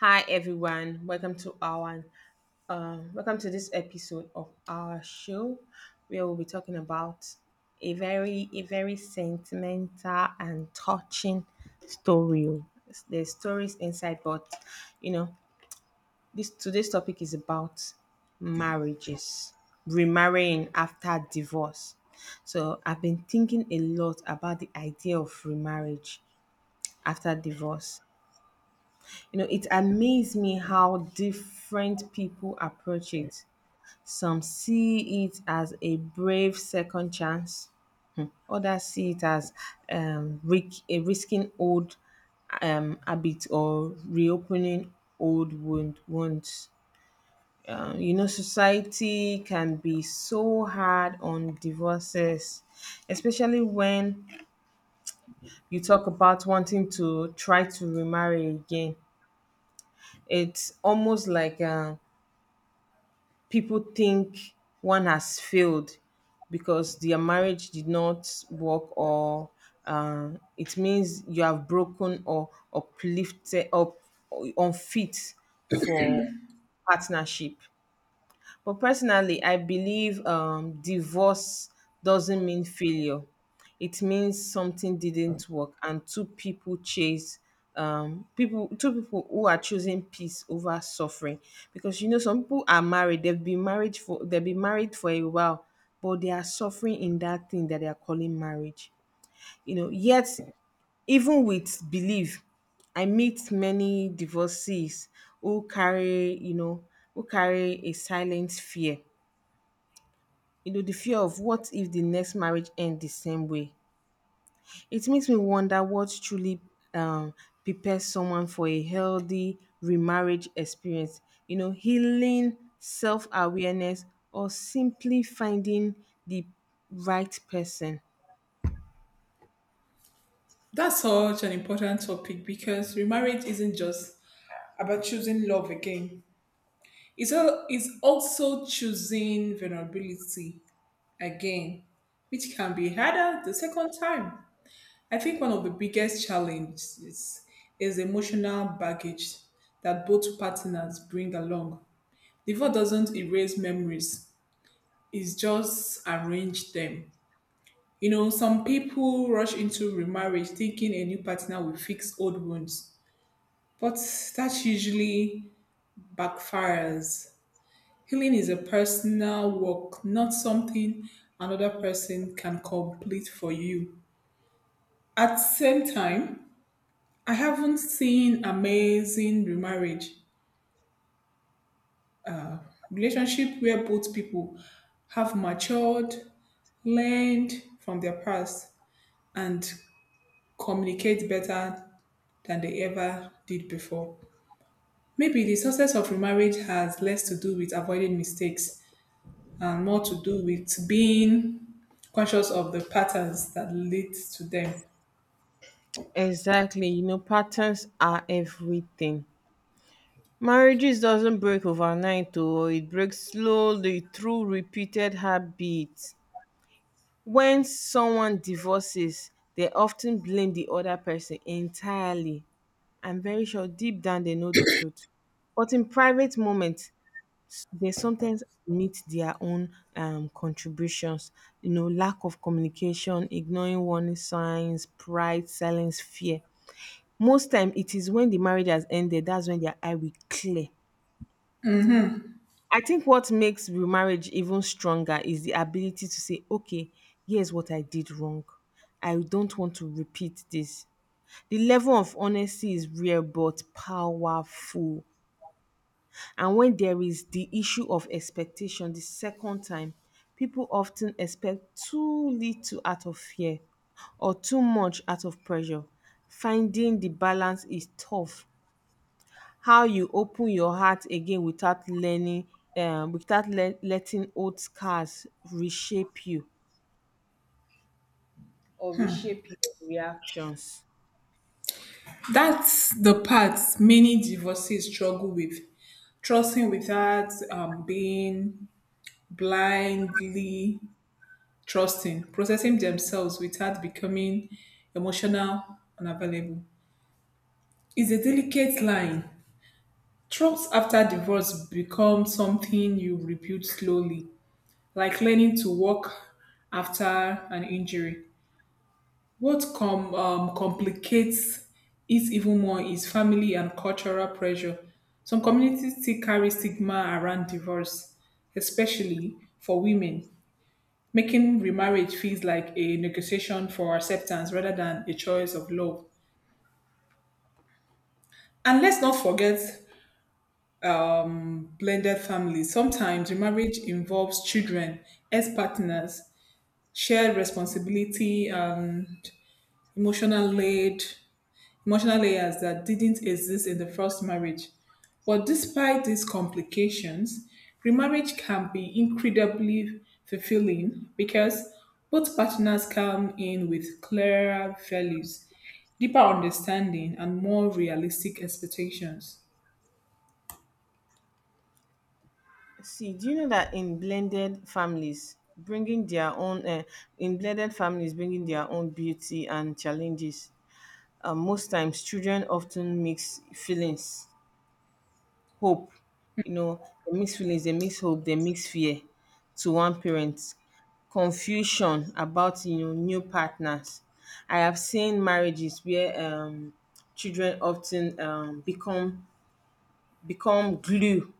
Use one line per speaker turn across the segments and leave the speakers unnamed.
Hi everyone, welcome to this episode of our show, where we'll be talking about a very sentimental and touching story. Oh. There's stories inside, but you know this today's topic is about marriages, remarrying after divorce. So I've been thinking a lot about the idea of remarriage after divorce. It amazed me how different people approach it. Some see it as a brave second chance, others see it as, risking old habit, or reopening old wounds. Society can be so hard on divorces, especially when you talk about wanting to try to remarry again. It's almost like, people think one has failed because their marriage did not work, or uh, it means you have broken or uplifted up, unfit for partnership. But personally, I believe divorce doesn't mean failure. It means something didn't work, and two people chase people. Two people who are choosing peace over suffering, because some people are married. They've been married for a while, but they are suffering in that thing that they are calling marriage. Yet even with belief, I meet many divorcees who carry you know who carry a silent fear, the fear of what if the next marriage ends the same way. It makes me wonder what truly um, prepares someone for a healthy remarriage experience. Healing, self awareness, or simply finding the right person.
That's such an important topic because remarriage isn't just about choosing love again. It's, it's also choosing vulnerability again, which can be harder the second time. I think one of the biggest challenges is emotional baggage that both partners bring along. Divorce doesn't erase memories, it's just arrange them. You know, some people rush into remarriage thinking a new partner will fix old wounds, but that usually backfires. Healing is a personal work, not something another person can complete for you. At the same time, I haven't seen amazing remarriage relationship where both people have matured, learned from their past, and communicate better than they ever did before. Maybe the success of remarriage has less to do with avoiding mistakes and more to do with being conscious of the patterns that lead to them.
Exactly. Patterns are everything. Marriages doesn't break overnight. Oh, it breaks slowly through repeated habits. When someone divorces, they often blame the other person entirely. I'm very sure deep down they know the truth. But in private moments, they sometimes admit their own contributions — lack of communication, ignoring warning signs, pride, silence, fear. Most time it is when the marriage has ended, that's when their eye will clear. I think what makes remarriage even stronger is the ability to say, okay, here's what I did wrong. I don't want to repeat this. The level of honesty is rare but powerful. And when there is the issue of expectation the second time, people often expect too little out of fear, or too much out of pressure. Finding the balance is tough, how you open your heart again without learning without le- letting old scars reshape you or reshape your reactions.
That's the part many divorcees struggle with. Trusting without being blindly trusting, processing themselves without becoming emotional unavailable. It's a delicate line. Trust after divorce becomes something you rebuild slowly, like learning to walk after an injury. What complicates it even more is family and cultural pressure. Some communities still carry stigma around divorce, especially for women, making remarriage feels like a negotiation for acceptance rather than a choice of love. And let's not forget blended families. Sometimes remarriage involves children, ex partners, shared responsibility, emotional aid, emotional layers that didn't exist in the first marriage. But despite these complications, remarriage can be incredibly fulfilling because both partners come in with clearer values, deeper understanding, and more realistic expectations.
See, do you know that in blended families bringing their own beauty and challenges? Most times, children often mix feelings hope, you know, they mix feelings, they mix hope, they mix fear to one parent. Confusion about, new partners. I have seen marriages where children often become glue.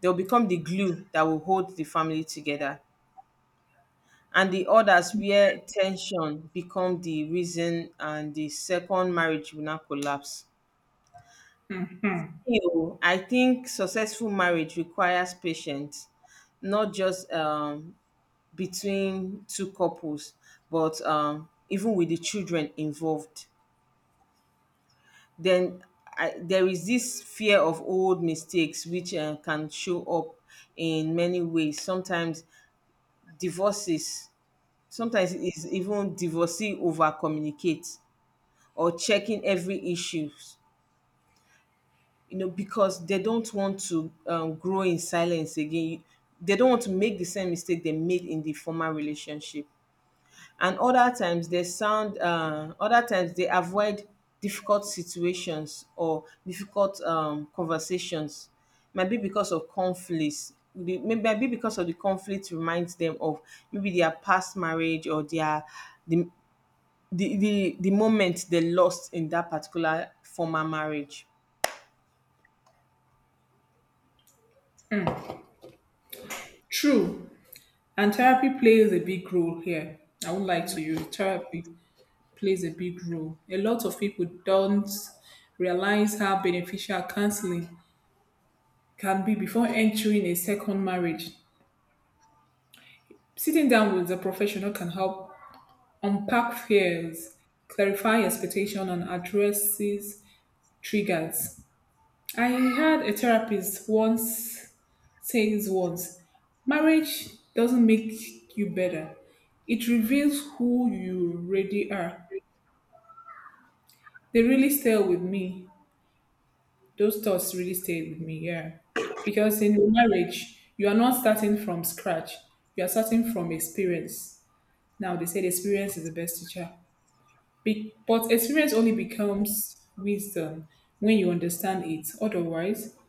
They'll become the glue that will hold the family together, and the others where tension become the reason and the second marriage will now collapse. I think successful marriage requires patience, not just between two couples, but even with the children involved. Then, there is this fear of old mistakes, which can show up in many ways. Divorces, sometimes it's even divorcee over communicate, or checking every issue, because they don't want to grow in silence again. They don't want to make the same mistake they made in the former relationship. And other times they avoid difficult situations, or difficult conversations. Maybe because of conflicts. Maybe because of the conflict reminds them of maybe their past marriage, or their the the moment they lost in that particular former marriage.
True, and therapy plays a big role here. I would like to use Therapy plays a big role. A lot of people don't realize how beneficial counseling can be before entering a second marriage. Sitting down with a professional can help unpack fears, clarify expectations, and addresses triggers. I had a therapist once says once, marriage doesn't make you better. It reveals who you really are. They really stay with me. Those thoughts really stay with me, yeah. Because in marriage, you are not starting from scratch. You are starting from experience. Now they said experience is the best teacher. But experience only becomes wisdom when you understand it. Otherwise,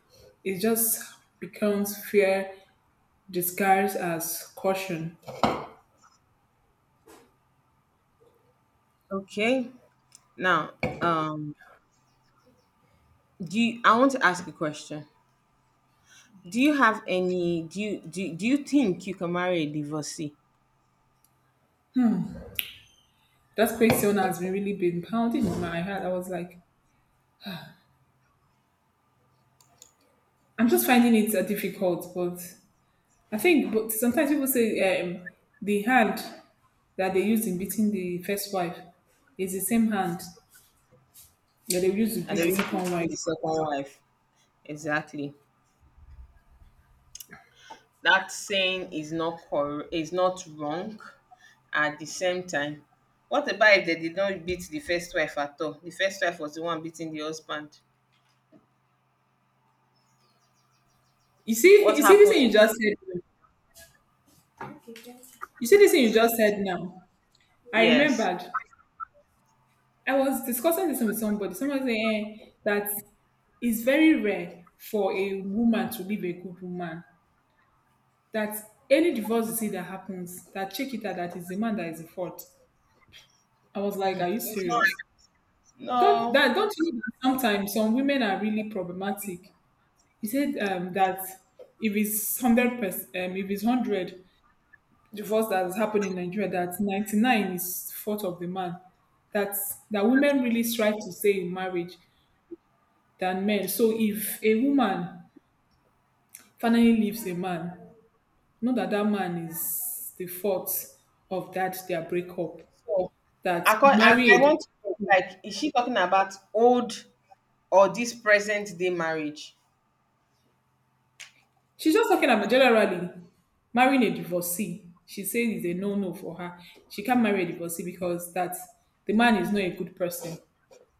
it just becomes fear disguised as caution.
Okay. Now, um, I want to ask a question. Do you have any? Do you do, Do you think you can marry a divorcee?
That question has been really been pounding in my head. I was like, I'm just finding it difficult, but I think but sometimes people say, the hand that they used in beating the first wife is the same hand that they used to
That
beat
the
the
reason
second
between
wife.
the second wife, exactly. That saying is not cor- is not wrong. At the same time, what about if they did not beat the first wife at all? The first wife was the one beating the husband.
You see,
What
you see this
happened? In
thing you
that?
just said. You see this thing you just said now. I
Yes,
remembered. I was discussing this with somebody. Someone said, that it's very rare for a woman to leave a good woman. That any divorce you see that happens, that check it out, that is the man that is the fault. I was like, are you
it's not.
serious?
No.
Don't you know that sometimes some women are really problematic? He said, that if it's 100%, if it's hundred, divorce that has happened in Nigeria that 99 is fault of the man. That that women really strive to stay in marriage than men. So if a woman finally leaves a man, not that that man is the fault of that their breakup.
So,
That
acco I
married,
want to know, like, is she talking about old or this present day marriage?
she's just talking about generally marrying a divorcee. She says it's a no-no for her. She can't marry a divorcee because that the man is not a good person.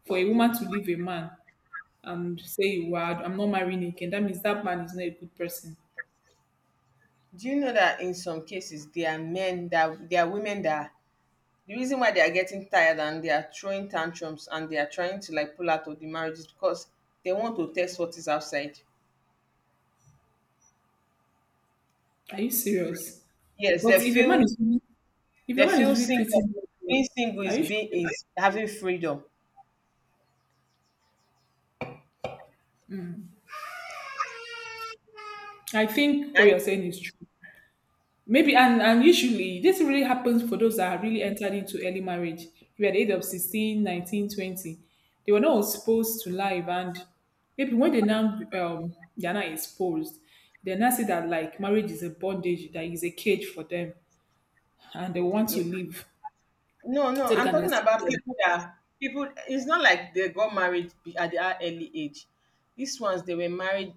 For a woman to leave a man and say you I'm not marrying again, that means that man is not a good person.
Do you know that, in some cases, there are women that the reason why they are getting tired, and they are throwing tantrums, and they are trying to, like, pull out of the marriage, is because they want to test what is outside.
Are you serious?
Yes, they
But if a man
feel.
is really, if a
they
man
feel
is really
single.
treating you well,
Being single
are you sure?
is having freedom.
I think what
And
you're saying is true. Maybe, and usually this really happens for those that are really entered into early marriage. You are at the age of 16, 19, 20. They were not exposed to life, and maybe when they now they are not exposed, they now see that like marriage is a bondage, that is a cage for them and they want
yeah.
to leave.
No, no,
So they
I'm
can
talking about
experience
people. It's not like they got married at their early age. These ones they were married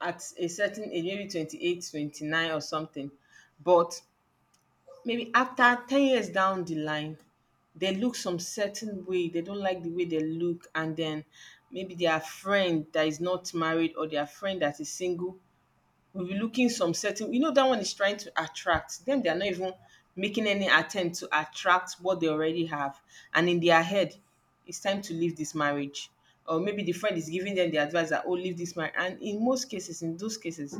at a certain age, maybe 28, 29, or something. But maybe after 10 years down the line, they look some certain way. They don't like the way they look, and then maybe their friend that is not married, or their friend that is single, we'll be looking some certain, that one is trying to attract them. They are not even making any attempt to attract what they already have. And in their head, it's time to leave this marriage. Or maybe the friend is giving them the advice that, oh, leave this marriage. And in most cases, in those cases,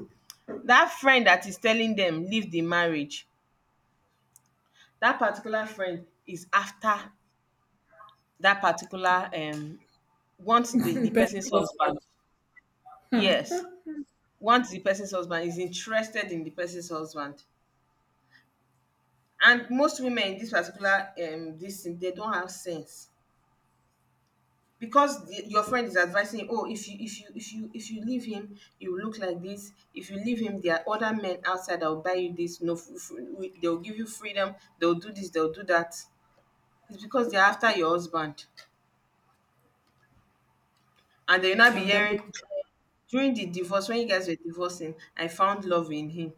that friend that is telling them leave the marriage, that particular friend is after, that particular wants the
better
person's
health
husband.
value.
Yes. Once the person's husband is interested in the person's husband, and most women, in this particular, this thing they don't have sense, because, your friend is advising you, oh, if you leave him you will look like this, if you leave him there are other men outside that will buy you this, no f- f- we- they'll give you freedom, they'll do this, they'll do that. It's because they're after your husband, and they'll not be
And that would-
hearing, during the divorce when you guys were divorcing, I found love in him.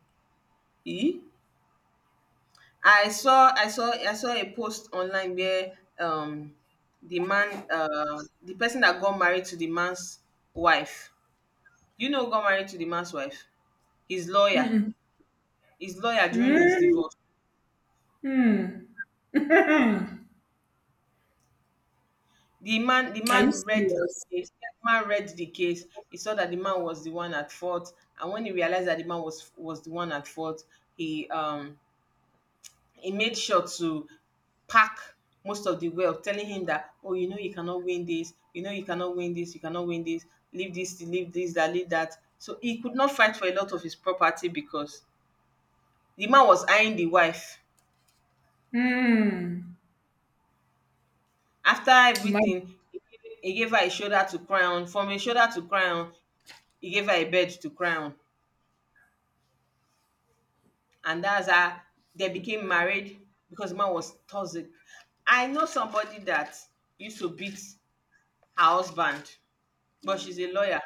Eh, I saw a post online where the person that got married to the man's wife. You know who got married to the man's wife? His lawyer. His lawyer during his
mm,
divorce.
mm.
The man the
Are you
man read the
serious?
case. The man read the case. He saw that the man was the one at fault. And when he realized that the man was the one at fault, he um he made sure to pack most of the wealth, telling him that, oh, you know, you cannot win this, you know, you cannot win this, you cannot win this, leave this, leave this, that, leave that. So he could not fight for a lot of his property because the man was eyeing the wife.
Mm.
After
Imagine.
everything, he gave her a shoulder to cry on. From a shoulder to cry on, he gave her a bed to cry on. And that's how they became married, because the man was toxic. I know somebody that used to beat her husband, but she's a lawyer.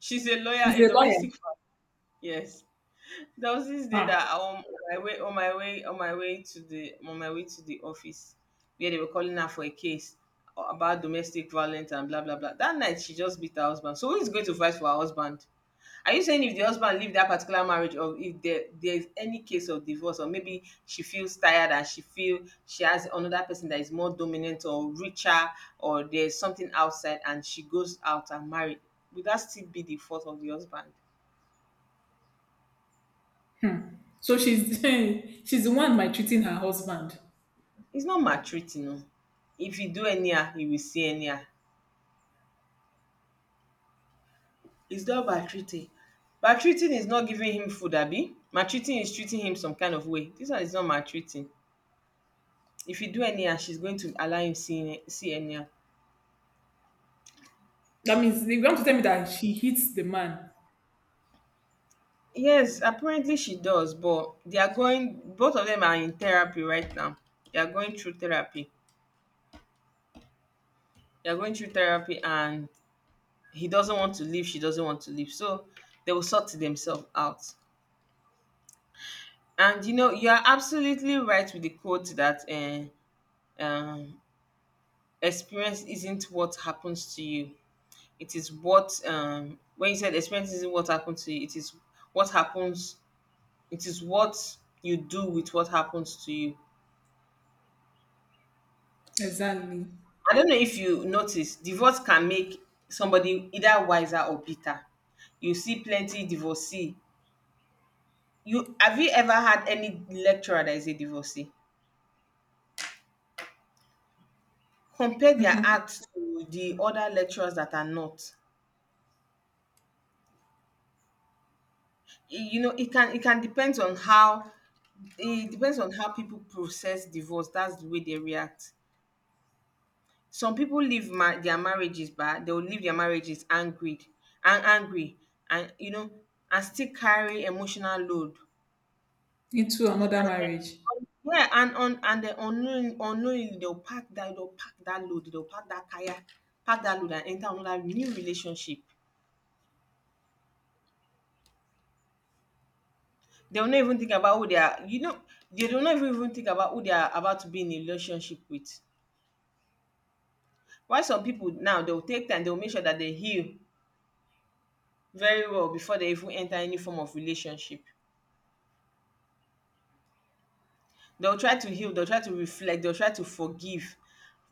She's a lawyer,
She's
a
a lawyer.
domestic. Yes, there was this day
Ah.
that, on my way on my way on my way to the on my way to the office, where they were calling her for a case about domestic violence and blah blah blah. That night she just beat her husband. So who is going to fight for her husband? Are you saying if the husband leave that particular marriage, or if there's any case of divorce, or maybe she feels tired and she has another person that is more dominant or richer, or there's something outside, and she goes out and marry — would that still be the fault of the husband?
Hmm. So she's she's the one maltreating her husband.
It's not maltreating, oh. If you do anyhow, he will see anyhow. It's not maltreating. Maltreating is not giving him food, abi? Maltreating is treating him some kind of way. This one is not maltreating. If you do anyhow, she's going to allow him see anyhow.
That means they want to tell me that she hits the man
Yes, apparently she does, but they are going both of them are in therapy right now. They are going through therapy. They are going through therapy, and he doesn't want to leave, she doesn't want to leave. So they will sort themselves out. And you are absolutely right with the quote that um, experience isn't what happens to you. It is what When you said experience isn't what happens to you, it is what happens. What you do with what happens to you.
exactly
I don't know if you notice, divorce can make somebody either wiser or bitter. You see plenty divorcee. You ever had any lecturer that is a divorcee? Compare their acts to the other lecturers that are not. You know, it can depends on how people process divorce. That's the way they react. Some people leave their marriages, but they'll leave their marriages angry and angry and you know and still carry emotional load.
into another
And then,
marriage.
yeah and on and then unknowingly, unknowingly, they'll pack that load, they'll pack that kaya, pack that load and enter another new relationship. They will not even think about who they are, you know. They do not even think about who they are about to be in a relationship with. Why, some people now, they'll take time, they'll make sure that they heal very well before they even enter any form of relationship. They'll try to heal, they'll try to reflect, they'll try to forgive.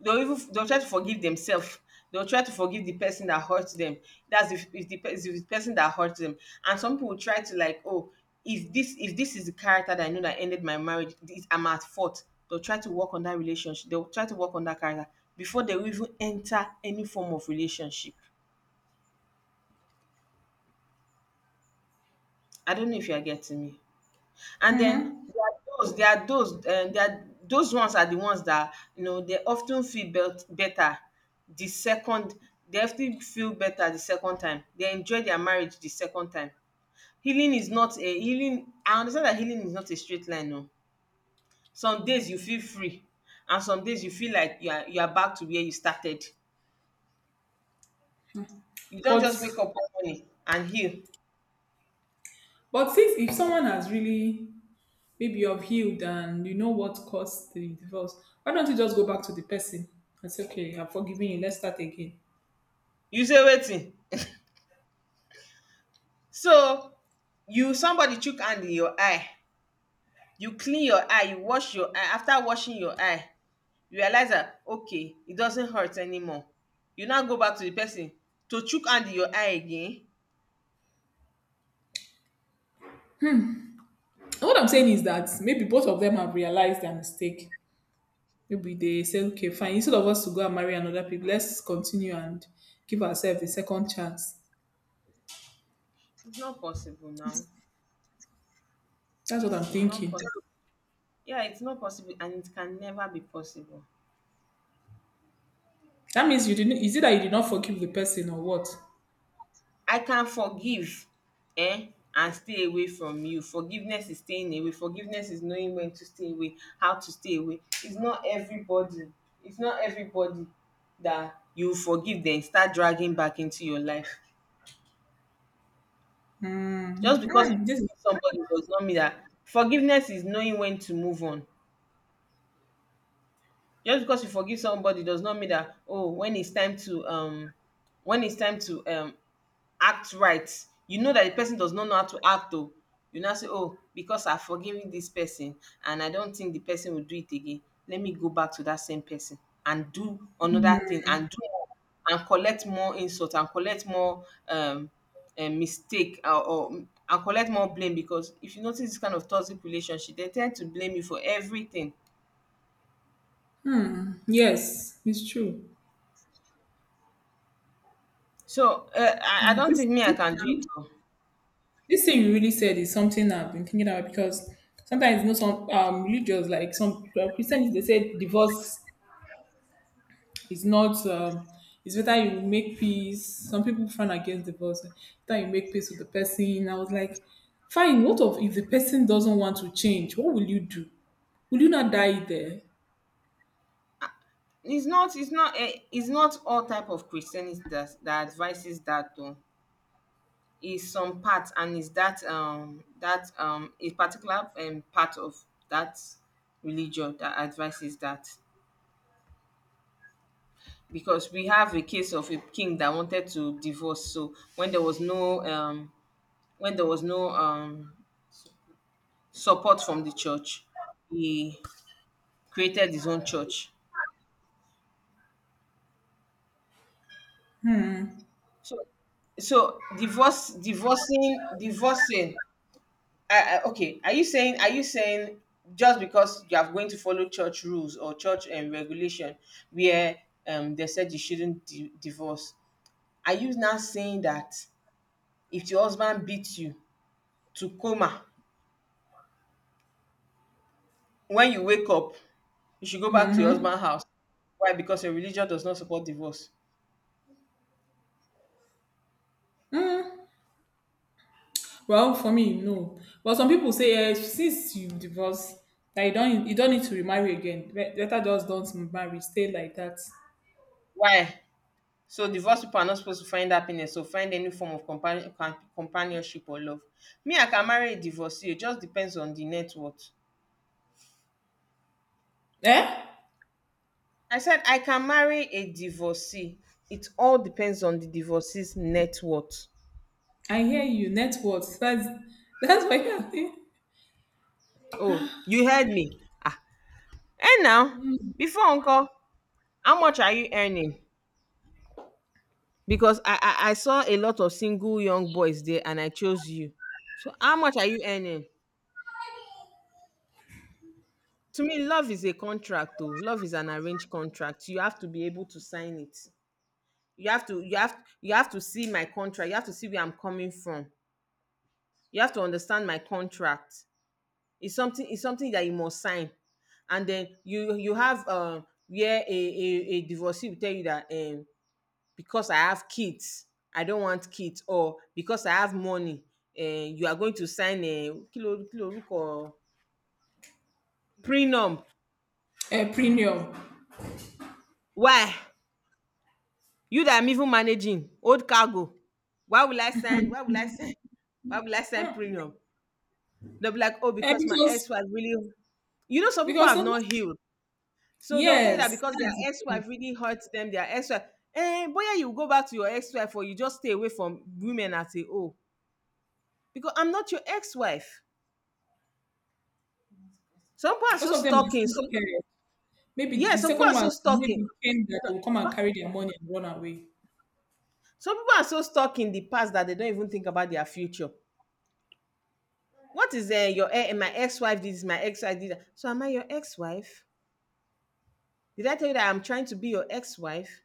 They'll try to forgive themselves. They'll try to forgive the person that hurts them. That's if the if the person that hurts them. And some people try to, like, oh, if this is the character that I know that ended my marriage, this, I'm at fault. They'll try to work on that relationship. They'll try to work on that character before they will even enter any form of relationship. I don't know if you are getting me. And then
Hmm.
there are those there are those ones, are the ones that, you know, they often feel belt better the second they often feel better the second time. They enjoy their marriage the second time. Healing is not a healing I understand that healing is not a straight line. No, some days you feel free, and some days you feel like you are back to where you started. You don't just wake
But
up one morning and heal.
since if someone has really, maybe you've healed and you know what caused the divorce, why don't you just go back to the person and say, okay, I'm forgiving you. Let's start again.
You say wetin? So you, somebody chook hand in your eye, you clean your eye, you wash your eye, after washing your eye you realize that, okay, it doesn't hurt anymore, you now go back to the person to chook hand in your eye again.
And what I'm saying is that maybe both of them have realized their mistake. Maybe they say, okay, fine, instead of us to go and marry another people, let's continue and give ourselves a second chance.
It's not possible now.
That's what I'm
It's not
thinking.
possible. Yeah, it's not possible and it can never be possible.
That means you didn't. Is it that you did not forgive the person or what?
I can forgive, eh, and stay away from you. Forgiveness is staying away. Forgiveness is knowing when to stay away, how to stay away. It's not everybody, it's not everybody that you forgive then start dragging back into your life. Just
Hmm.
because you
Hmm. This,
forgive somebody does not mean that. Forgiveness is knowing when to move on. Just because you forgive somebody does not mean that, oh, when it's time to when it's time to act right. You know that the person does not know how to act though. You now say, oh, because I've forgiven this person and I don't think the person will do it again, let me go back to that same person and do another thing and do more and collect more insult and collect more mistake or and collect more blame, because if you notice this kind of toxic relationship, they tend to blame you for everything.
yes, it's true.
So I
Now,
don't think me I can do it. Oh.
this thing you really said is something I've been thinking about because sometimes you know some religious, like some Christians, they say divorce it's not. It's better you make peace. Some people frown against divorce. It's better you make peace with the person. I was like, fine, what of if the person doesn't want to change, what will you do? Will you not die there?
It's not it's not all type of Christianity that advises that though. It's some part, and it's that a particular part of that religion that advises that. Because we have a case of a king that wanted to divorce, so when there was no when there was no um support from the church, he created his own church. So so divorce divorcing divorcing I, okay, are you saying, just because you are going to follow church rules or church regulation where, they said you shouldn't divorce? Are you now saying that if your husband beats you to coma, when you wake up, you should go back to your
Mm-hmm.
husband's house? Why? Because your religion does not support divorce.
Mm. Well, for me, no, but some people say, since you divorce that you don't, you don't need to remarry again. Better just don't marry, stay like that.
Why? So divorced people are not supposed to find happiness or find any form of companionship or love. Me, I can marry a divorcee. It just depends on the net worth.
Eh,
I said I can marry a divorcee. It all depends on the divorcee's net worth.
I hear you, net worth, that's that's why I think.
Oh, you heard me. Ah, and now, before uncle, how much are you earning? Because I saw a lot of single young boys there, and I chose you. So how much are you earning? To me, love is a contract. Oh, love is an arranged contract. You have to be able to sign it. You have to see my contract. You have to see where I'm coming from. You have to understand my contract. It's something that you must sign, and then you have, um, where a divorcee will tell you that, um, because I have kids, I don't want kids, or because I have money, you are going to sign a kilo kilo ruko prenup.
Eh, premium.
Why you that I'm even managing old cargo? Why will I sign? Why will I sign? Why will I sign
Mm.
prenup? They'll be like, oh,
Eh,
because my
because
ex was really. You know, some people
because
have
some
not healed. So they'll tell you that
Yes,
because their
that's the thing.
ex-wife really hurts them, their ex-wife. Eh, boy, you go back to your ex-wife, or you just stay away from women and say, oh, because I'm not your ex-wife. Some people are so
Most of them are
stuck in
still
some
scared. Maybe
yeah,
the
some people
second
are
one
so stuck in
maybe think that they will come
some,
and carry their money and run away.
some people are so stuck in the past that they don't even think about their future. What is my ex-wife this, is my ex-wife this. So am I your ex-wife? Did I tell you that I'm trying to be your ex-wife?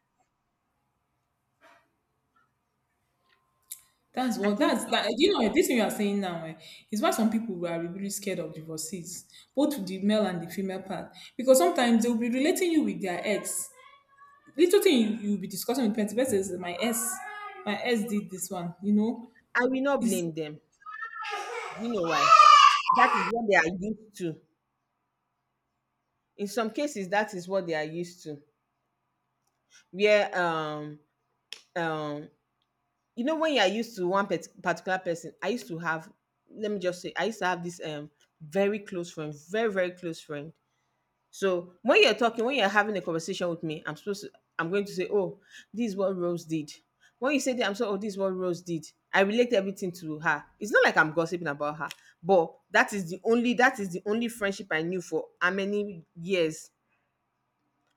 That's
I
one.
think
That's that. You know, this thing you are saying now, is why some people are really really scared of divorcees, both the male and the female part, because sometimes they will be relating you with their ex. Little thing you will be discussing with parents. Person is my ex did this one. You know,
I will not
it's
blame them. You know why? That is what they are used to. In some cases, that is what they are used to, where um you know, when you are used to one particular person. I used to have, let me just say I used to have this, um, very close friend, very close friend. So when you're talking when you're having a conversation with me, I'm going to say, oh, this is what Rose did. When you say that, I'm so, oh, this is what Rose did. I relate everything to her. It's not like I'm gossiping about her, but that is the only friendship I knew for how many years.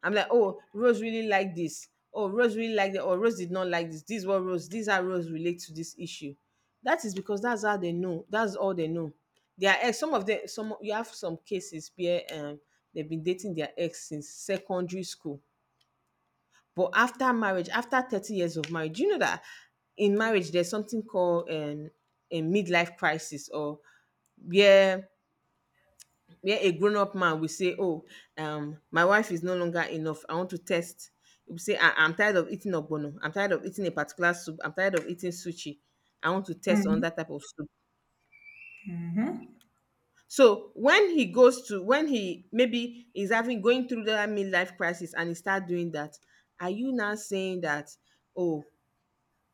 I'm like, oh, Rose really liked this. Oh, Rose really liked it. Or Rose did not like this. This is what Rose, these are Rose relate to this issue. That is because that's how they know. That's all they know. Their ex, some of them, some, you have some cases where, um, they've been dating their ex since secondary school. But after marriage, after 30 years of marriage, do you know that in marriage there's something called, a midlife crisis, or where a grown-up man will say, oh, um, my wife is no longer enough, I want to test. He will say I'm tired of eating ogbono, I'm tired of eating a particular soup, I'm tired of eating sushi, I want to test on
mm,
that type of soup.
mhm.
So when he goes to when he maybe is having going through that midlife crisis and he start doing that, are you now saying that, oh,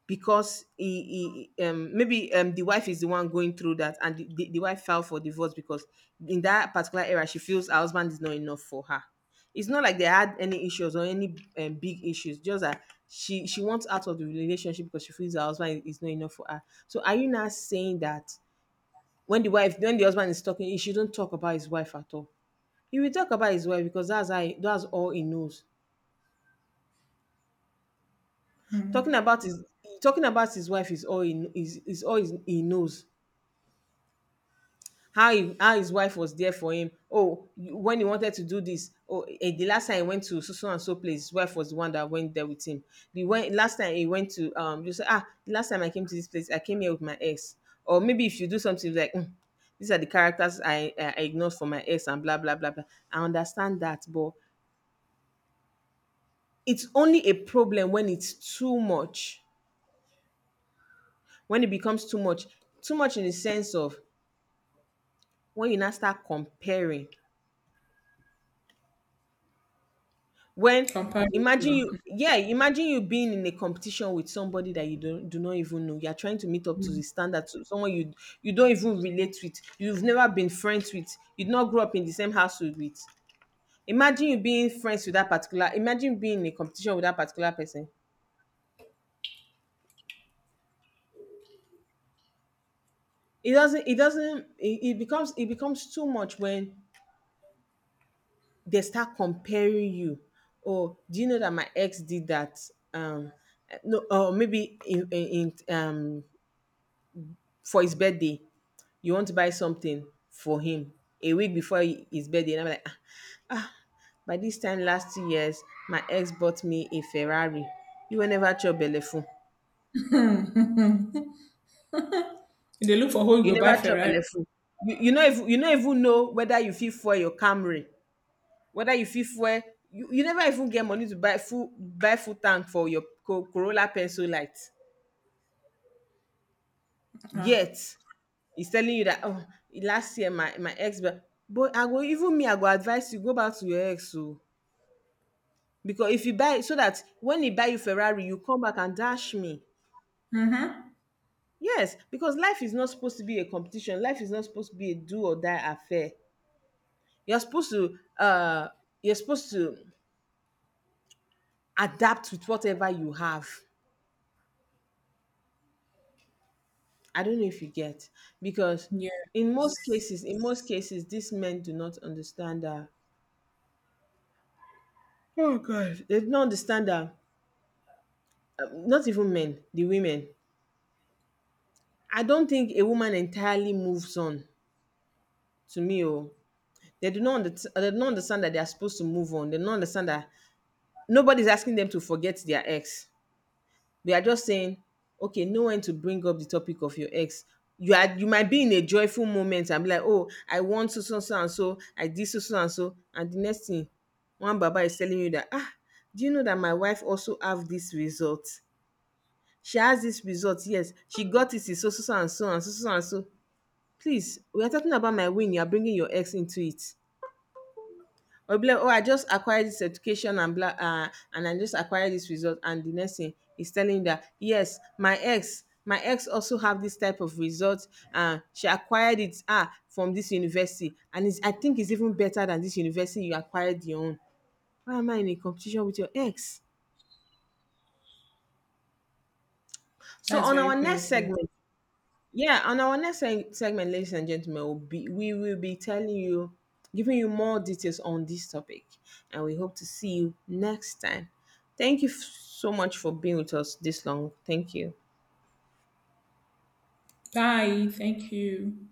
because he, um, maybe, um, the wife is the one going through that, and the wife filed for divorce because in that particular era she feels her husband is not enough for her? It's not like they had any issues or any, big issues, just that she wants out of the relationship because she feels her husband is not enough for her. So are you not saying that, when the husband is talking, he shouldn't talk about his wife at all? He will talk about his wife because that's that's all he knows. Talking about his, talking about his wife is all he is all he knows. How how his wife was there for him. Oh, you- when he wanted to do this, oh, eh, the last time he went to so so and so place, his wife was the one that went there with him. The when, last time he went to, you say, ah, the last time I came to this place, I came here with my ex. Or maybe if you do something like, "Hmm, these are the characters I ignored for my ex and blah blah blah blah." I understand that, but it's only a problem when it's too much. When it becomes too much in the sense of when you now start comparing. When imagine
Comparison.
you yeah, imagine you being in a competition with somebody that you don't do not even know. You're trying to meet up to the standard to someone you don't even relate with, you've never been friends with, you did not grow up in the same household with. Imagine being in a competition with that particular person. It doesn't it doesn't it, it becomes too much when they start comparing you. Oh, do you know that my ex did that? Um no, or maybe in for his birthday you want to buy something for him a week before his birthday. And I'm like, "Ah, by this time last 2 years, my ex bought me a Ferrari. You will never chop belleful.
If they look for who
You
will buy
never chop
Ferrari.
belleful. You know if even know whether you fit fuel your Camry, whether you fit fuel you never even get money to buy full tank for your Corolla pencil light.
Ah,
Yet he's telling you that, oh, last year my ex, but I go, even me I go advise you go back to your ex so. Because if you buy, so that when he buy you Ferrari you come back and dash me. Yes, because life is not supposed to be a competition. Life is not supposed to be a do or die affair. You're supposed to uh you're supposed to adapt with whatever you have. I don't know if you get. Because
yeah,
in most cases these men do not understand that. Oh God, they do not understand that. Not even men, the women. I don't think a woman entirely moves on. To me, oh, they do not understand that they are supposed to move on. They do not understand that nobody's asking them to forget their ex. We are just saying, okay, know when to bring up the topic of your ex. You might be in a joyful moment and be like, oh, I want so so so and so, I did so so and so, and the next thing, one baba is telling you that, ah, do you know that my wife also have this result? She has this result, yes. She got it in so so so and so and so so and so. Please, we are talking about my win. You are bringing your ex into it. Or be like, oh, I just acquired this education and blah, and I just acquired this result. And the next thing is telling you that, yes, my ex also have this type of result. She acquired it, from this university. And it's, I think it's even better than this university you acquired your own. Why am I in a competition with your ex? So
that's
on
very
our next
painful.
segment, yeah, on our next segment, ladies and gentlemen, we will be telling you, giving you more details on this topic, and we hope to see you next time. Thank you so much for being with us this long. Thank you.
Bye. Thank you.